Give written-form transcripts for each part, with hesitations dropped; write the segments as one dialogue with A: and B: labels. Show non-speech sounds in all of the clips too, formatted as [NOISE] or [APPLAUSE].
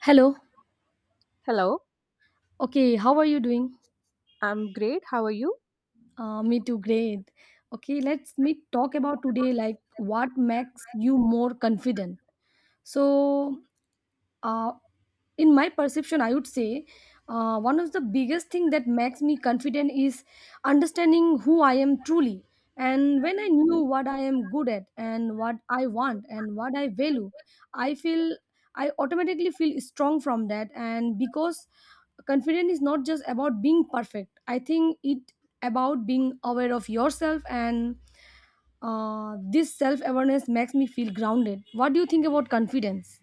A: Hello.
B: Hello,
A: Okay, how are you doing?
B: I'm great. How are you?
A: Me too, great. Okay, let's meet talk about today like what makes you more confident. So, uh, in my perception I would say one of the biggest thing that makes me confident is understanding who I am truly, and when I knew what I am good at and what I want and what I value I feel, I automatically feel strong from that. And because confidence is not just about being perfect, I think it about being aware of yourself. And this self awareness makes me feel grounded. What do you think about confidence?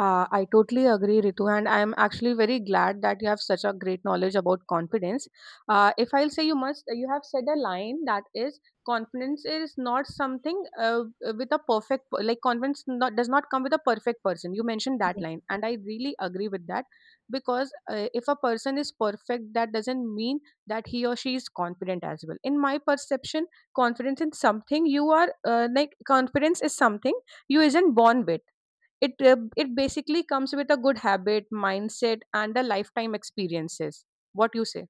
B: I totally agree, Ritu, and I'm actually very glad that you have such a great knowledge about confidence. If I'll say you must, you have said a line that is confidence is not something with a perfect, like confidence not, does not come with a perfect person. You mentioned that line, and I really agree with that because if a person is perfect, that doesn't mean that he or she is confident as well. In my perception, confidence is something you are like confidence is something you isn't born with it it basically comes with a good habit, mindset, and a lifetime experiences. What you say?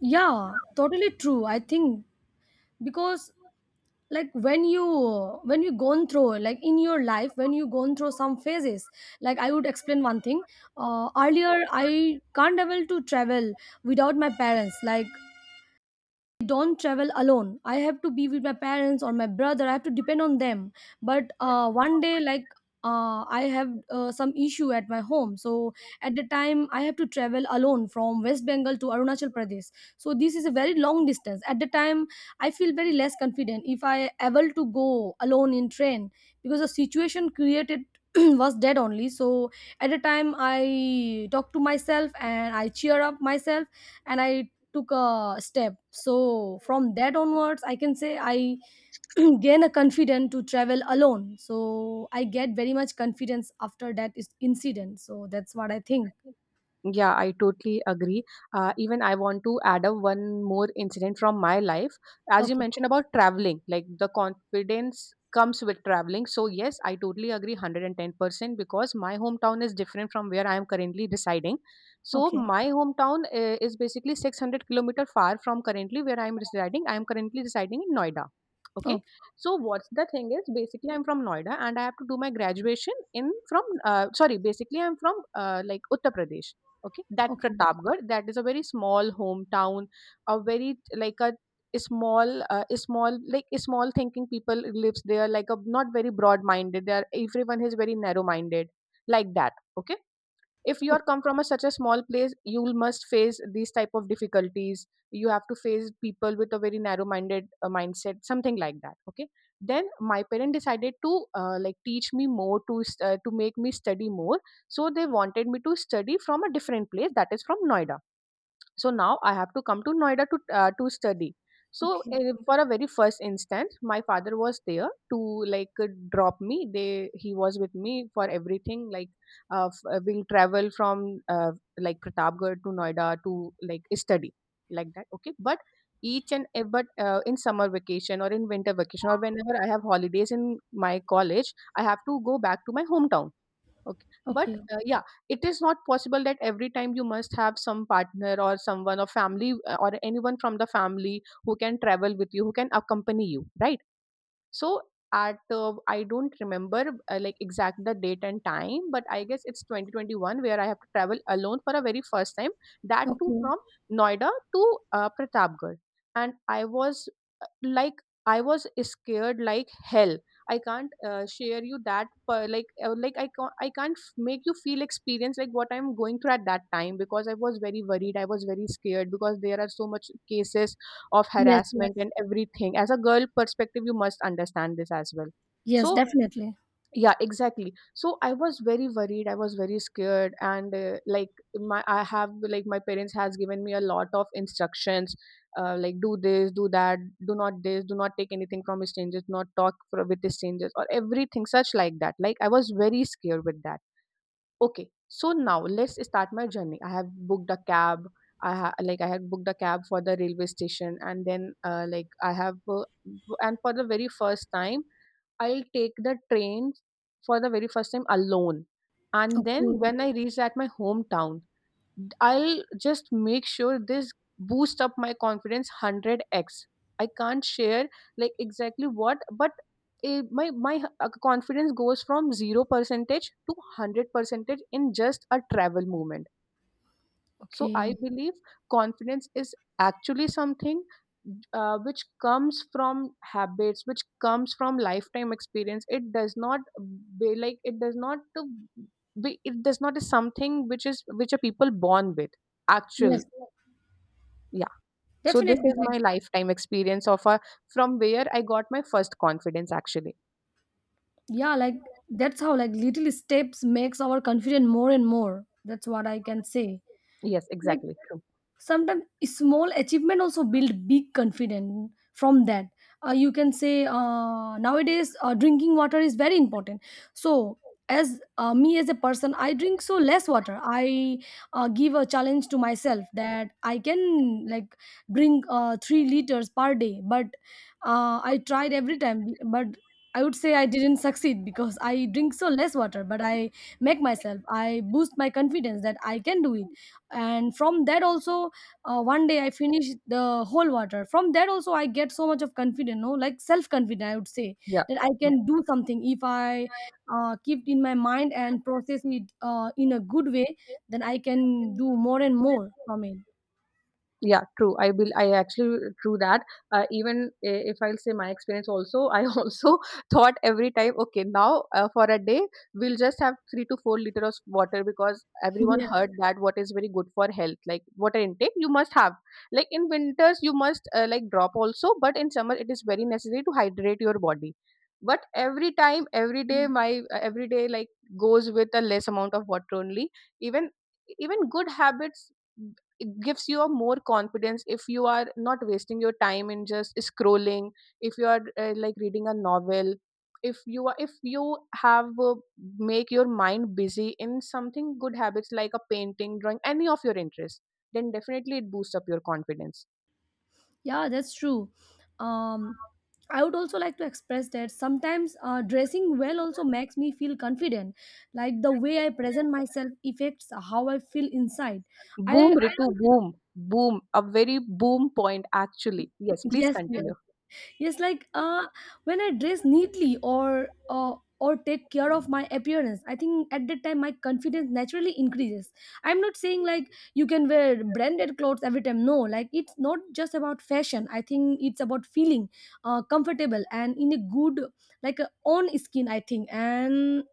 A: Yeah, totally true. I think, because like when you gone through, like in your life when you gone through some phases, like I would explain one thing. Earlier I can't able to travel without my parents, like don't travel alone, I have to be with my parents or my brother, I have to depend on them. But one day, like I have some issue at my home, so at the time I have to travel alone from West Bengal to Arunachal Pradesh. So this is a very long distance. At the time I feel very less confident if I able to go alone in train, because the situation created [CLEARS THROAT] was dead only. So at the time I talk to myself and I cheer up myself, and I took a step. So from that onwards I can say I [CLEARS THROAT] gain a confidence to travel alone. So I get very much confidence after that is incident. So that's what I think.
B: Yeah, I totally agree. Even I want to add up one more incident from my life. As you
A: Okay.
B: mentioned about traveling, like the confidence comes with traveling. So, yes, I totally agree 110% because my hometown is different from where I am currently residing. So,
A: Okay.
B: my hometown is basically 600-kilometer far from currently where I am residing. I am currently residing in Noida. Okay.
A: Okay.
B: So, what's the thing is basically I'm from Noida and I have to do my graduation in from, sorry, basically I'm from like Uttar Pradesh. Okay, that
A: Okay.
B: Pratapgarh, that is a very small hometown, a very like a small like a small thinking people lives there, like a not very broad minded. They are everyone is very narrow minded, like that. Okay, if you
A: o-
B: are come from a, such a small place you will must face these type of difficulties you have to face people with a very narrow minded mindset something like that okay then my parent decided to like teach me more to to make me study more so they wanted me to study from a different place that is from Noida. So now I have to come to Noida to study. So
A: okay.
B: for a very first instance, my father was there to like drop me. They he was with me for everything. Like we'll travel from uh, like Pratapgarh to Noida to like study like that. Okay, but but in summer vacation or in winter vacation or whenever I have holidays in my college, I have to go back to my hometown. Okay. But
A: Okay.
B: yeah, it is not possible that every time you must have some partner or someone or family or anyone from the family who can travel with you, who can accompany you, right? So at I don't remember like exact the date and time, but I guess it's 2021 where I have to travel alone for a very first time. That too
A: Okay.
B: from Noida to Pratapgarh, and I was like I was scared like hell. I can't share you that per, like I can't make you feel experience like what I'm going through at that time because I was very worried. I was very scared because there are so much cases of
A: Yes, yes.
B: harassment and everything as a girl perspective you must understand this as well
A: Yes,
B: so
A: definitely.
B: yeah exactly so I was very worried I was very scared and like my I have like my parents has given me a lot of instructions like do this do that do not this do not take anything from strangers not talk for, with strangers or everything such like that like I was very scared with that. Okay, so now let's start my journey. I have booked a cab. I ha- like I had booked a cab for the railway station, and then like I have and for the very first time, I'll take the train for the very first time alone. And then
A: Okay.
B: when I reach at my hometown, I'll just make sure this boost up my confidence 100x. I can't share like exactly what, but my confidence goes from zero percentage to 100 percentage in just a travel moment. So I
A: Okay.
B: believe confidence is actually something which comes from habits, which comes from lifetime experience. It does not be like it does not to be. It does not is something which is which are people born with. Actual,
A: Yes,
B: yeah. So this
A: definitely.
B: is
A: Like,
B: my lifetime experience of a from where I got my first confidence actually.
A: yeah, like that's how, like little steps makes our confidence more and more. That's what I can say.
B: Yes,
A: Like,
B: exactly. True.
A: sometimes small achievement also build big confidence from that. You can say, nowadays drinking water is very important. So as me as a person, I drink so less water. I give a challenge to myself that I can, like, drink 3 liters per day. But I tried every time, but I would say I didn't [LAUGHS] succeed because I drink so less water. But I make myself, I boost my confidence that I can do it. And from that also, one day I finish the whole water. From there also I get so much of confidence, no, like self confident I would say,
B: Yeah.
A: that I can do something if I keep in my mind and process it in a good way, then I can
B: And
A: do more and more from it.
B: yeah, true. I will. I actually true that. Even if I'll say my experience also, I [LAUGHS] also thought every time, okay, now for a day we'll just have 3 to 4 liter of water because everyone
A: [LAUGHS] Yeah.
B: heard that what is very good for health, like water intake, you must have. Like in winters, you must like drop also, but in summer it is very necessary to hydrate your body. But every time, every day, my every day like goes with a less amount of water only. Even even good habits it gives you a more confidence if you are not wasting your time in just scrolling if you are like reading a novel if you are if you have make your mind busy in something good habits like a painting drawing any of your interests then definitely it boosts up your confidence.
A: Yeah, that's true. um I would also like to express that sometimes dressing well also makes me feel confident. Like the way I present myself affects how I feel inside. I
B: Boom, Ritu, boom. Boom a very boom point actually, yes please
A: yes, yes.
B: continue.
A: Yes, like when I dress neatly or take care of my appearance, I think at that time my confidence naturally increases. I'm not saying like you can wear branded clothes every time. No, like it's not just about fashion. I think it's about feeling comfortable and in a good, like on skin. I think, and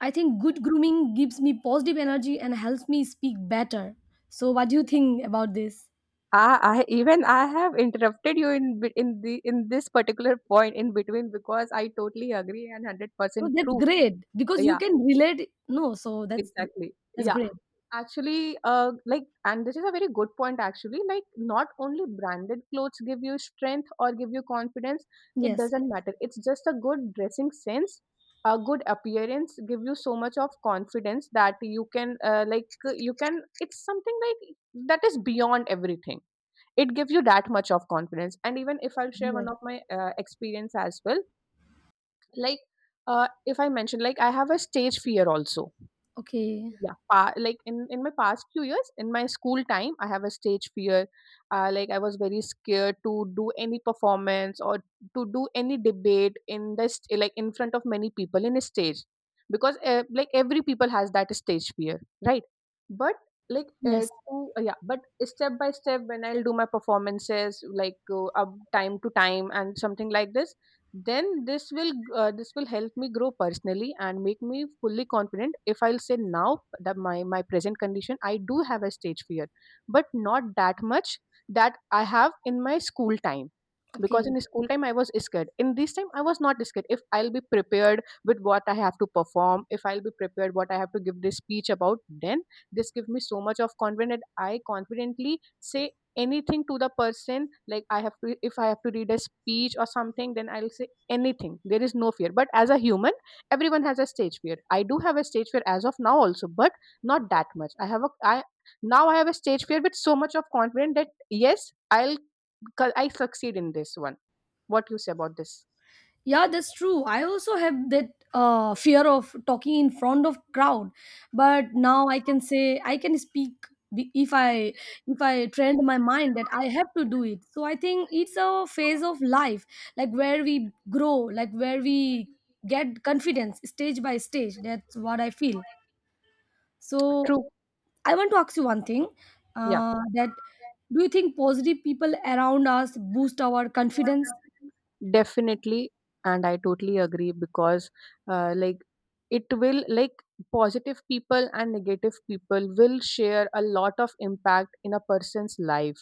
A: I think good grooming gives me positive energy and helps me speak better. So, what do you think about this?
B: I even I have interrupted you in be- in the in this particular point in between because I totally agree and hundred
A: No,
B: percent
A: that's
B: true.
A: great because you
B: Yeah,
A: can relate. No, so
B: exactly.
A: that's
B: Yeah,
A: great.
B: actually, like, and this is a very good point, actually. Like, not only branded clothes give you strength or give you confidence, it
A: Yes.
B: doesn't matter. It's just a good dressing sense, a good appearance give you so much of confidence that you can, like, you can, it's something like that is beyond everything. It gives you that much of confidence. And even if I'll share one
A: Yes.
B: of my experience as well, like, if I mention, like, I have a stage fear also.
A: Okay.
B: Yeah, pa like, in my past few years, in my school time, I have a stage fear. Like, I was very scared to do any performance or to do any debate in the like in front of many people in a stage, because like every people has that stage fear, right? But like
A: Yes.
B: to yeah, but step by step, when I'll do my performances, like up time to time and something like this then this will help me grow personally and make me fully confident if I'll say now that my present condition I do have a stage fear but not that much that I have in my school time because
A: Okay.
B: in school time I was scared in this time I was not scared if I'll be prepared with what I have to perform if I'll be prepared what I have to give this speech about then this gives me so much of confidence that I confidently say anything to the person like I have to if I have to read a speech or something then I'll say anything there is no fear but as a human everyone has a stage fear I do have a stage fear as of now also but not that much I have a I now I have a stage fear with so much of confidence that yes I'll I succeed in this one. What you say about this?
A: Yeah, that's true. I also have that fear of talking in front of crowd, but now I can say I can speak if I, if I trained my mind that I have to do it. So I think it's a phase of life, like where we grow, like where we get confidence stage by stage. That's what I feel. So
B: True,
A: I want to ask you one thing,
B: yeah.
A: that do you think positive people around us boost our confidence?
B: Definitely, and I totally agree because, like, it will like positive people and negative people will share a lot of impact in a person's life.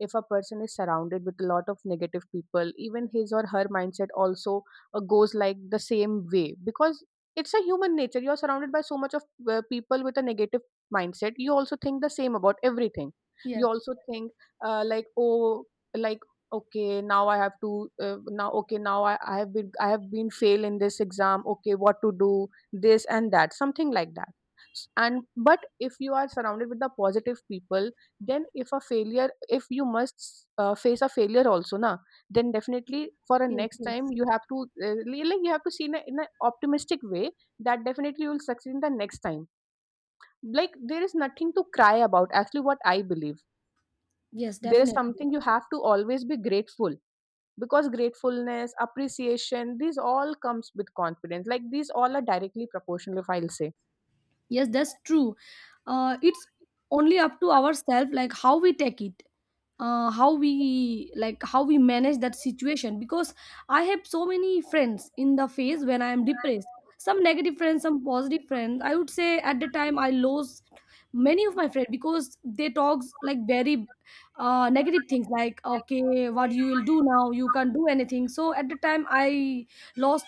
B: If a person is surrounded with a lot of negative people, even his or her mindset also goes like the same way because it's a human nature. You're surrounded by so much of people with a negative mindset. You also think the same about everything. You
A: Yes,
B: also think like, oh, like okay now I have to now okay now I have been fail in this exam okay what to do this and that something like that. And but if you are surrounded with the positive people then if a failure if you must face a failure also na then definitely for a
A: yes,
B: next time
A: yes.
B: you have to like you have to see in a, in an optimistic way that definitely you will succeed in the next time like there is nothing to cry about actually what I believe
A: Yes,
B: there is
A: definitely.
B: something you have to always be grateful because gratefulness appreciation these all comes with confidence like these all are directly proportional if I'll say.
A: Yes, that's true. It's only up to ourselves, like how we take it, how we, like how we manage that situation. Because I have so many friends in the phase when I am depressed. Some negative friends, some positive friends. I would say at the time I lost many of my friends because they talks like very negative things, like okay, what you will do now? You can't do anything. So at the time I lost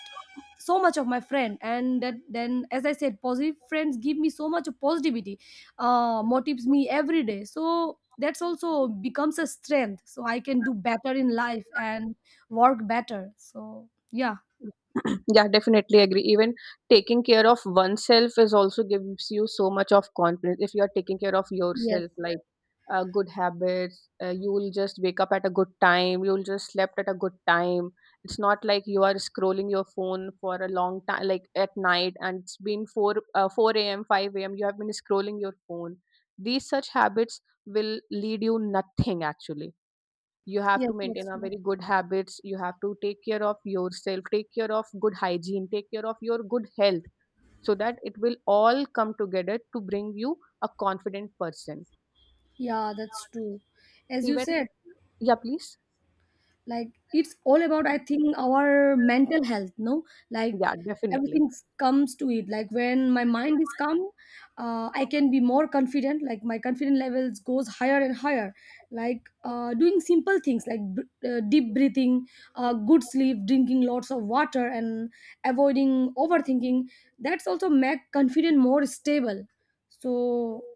A: so much of my friend. And that then, as I said, positive friends give me so much of positivity, motivates me every day, so that's also becomes a strength so I can do better in life and work better. So yeah.
B: [CLEARS THROAT] Yeah, definitely agree. Even taking care of oneself is also gives you so much of confidence. If you are taking care of
A: Yes,
B: yourself, like good habits, you will just wake up at a good time. You will just slept at a good time. It's not like you are scrolling your phone for a long time, like at night, and it's been four a.m. five a.m. You have been scrolling your phone. These such habits will lead you nothing actually you have
A: yes,
B: to
A: that's
B: maintain a
A: true.
B: very good habits you have to take care of yourself take care of good hygiene take care of your good health so that it will all come together to bring you a confident person.
A: Yeah, that's true. As you
B: Even,
A: said,
B: yeah please.
A: like it's all about, I think, our mental health, no, like
B: Yeah definitely.
A: everything comes to it. Like when my mind is calm, I can be more confident, like my confidence levels goes higher and higher. Like doing simple things like deep breathing, good sleep, drinking lots of water, and avoiding overthinking, that's also make confident more stable. So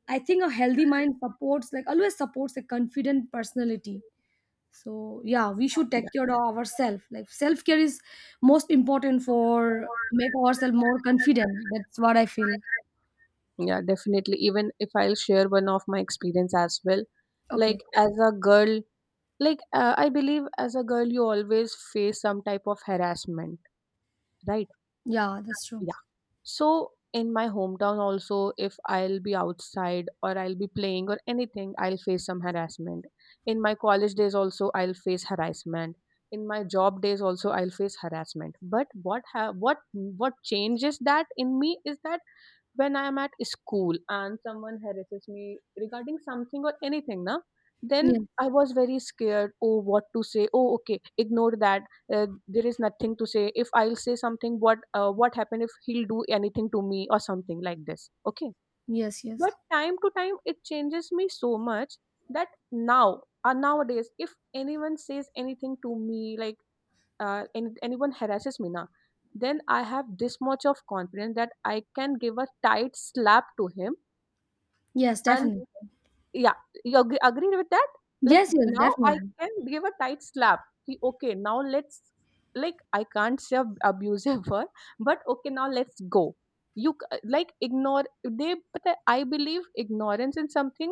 A: I think a healthy mind supports, like always supports, a confident personality. So yeah, we should
B: Yeah,
A: take care of ourselves. Like self-care is most important for make ourselves more confident. That's what I feel.
B: yeah definitely even if I'll share one of my experience as well like
A: Okay.
B: as a girl like I believe as a girl you always face some type of harassment,
A: Yeah, that's true.
B: right? So in my hometown also, if I'll be outside or I'll be playing or anything, I'll face some harassment. In my college days also, I'll face harassment. In my job days also, I'll face harassment. But what ha- what changes that in me is that when I'm at school and someone harasses me regarding something or anything, na, then
A: Yes,
B: I was very scared. Oh, what to say? Oh, okay, ignore that. There is nothing to say. If I'll say something, what happened if he'll do anything to me or something like this? Okay,
A: yes. Yes,
B: but time to time it changes me so much that now nowadays if anyone says anything to me like anyone harasses me na, then I have this much of confidence that I can give a tight slap to him.
A: yes,
B: Yeah. And
A: definitely.
B: yeah, you agree with that. Like
A: Yes, yes,
B: right, now I
A: definitely.
B: can give a tight slap. Ki, okay now let's like I can't say abusive word but okay now let's go you like ignore they but I believe ignorance in something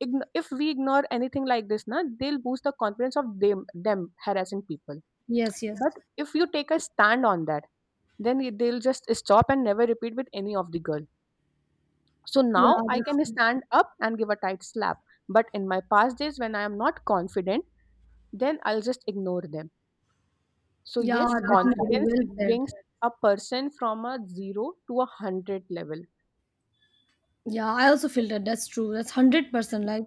B: if we ignore anything like this na they'll boost the confidence of them them harassing people
A: Yes, yes.
B: but if you take a stand on that, then they'll just stop and never repeat with any of the girl. So
A: Yeah,
B: now I
A: that's
B: can
A: true.
B: stand up and give a tight slap. But in my past days, when I am not confident, then I'll just ignore them. So
A: Yeah,
B: yes,
A: definitely,
B: confidence
A: well said.
B: brings a person from a zero to a hundred level.
A: Yeah, I also feel that that's true. That's 100%. Like,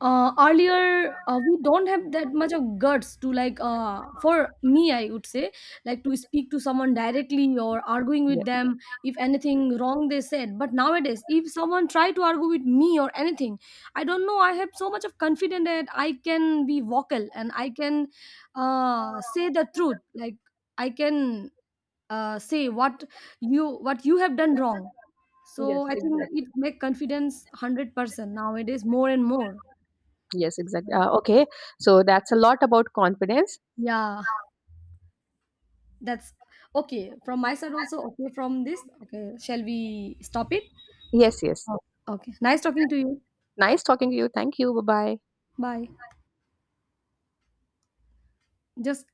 A: earlier, we don't have that much of guts to, like, for me, I would say, like, to speak to someone directly or arguing with
B: Yes.
A: them if anything wrong they said. But nowadays, if someone try to argue with me or anything, I don't know, I have so much of confidence that I can be vocal, and I can say the truth. Like, I can say what you have done wrong. So
B: Yes,
A: I think
B: exactly.
A: it make confidence 100% nowadays more and more.
B: Yes, exactly. Okay. So that's a lot about confidence.
A: Yeah, that's okay from my side also. Okay, from this, okay, shall we stop it?
B: Yes, yes.
A: Oh, okay, nice talking to you.
B: Nice talking to you. Thank you. Bye bye.
A: Bye. Just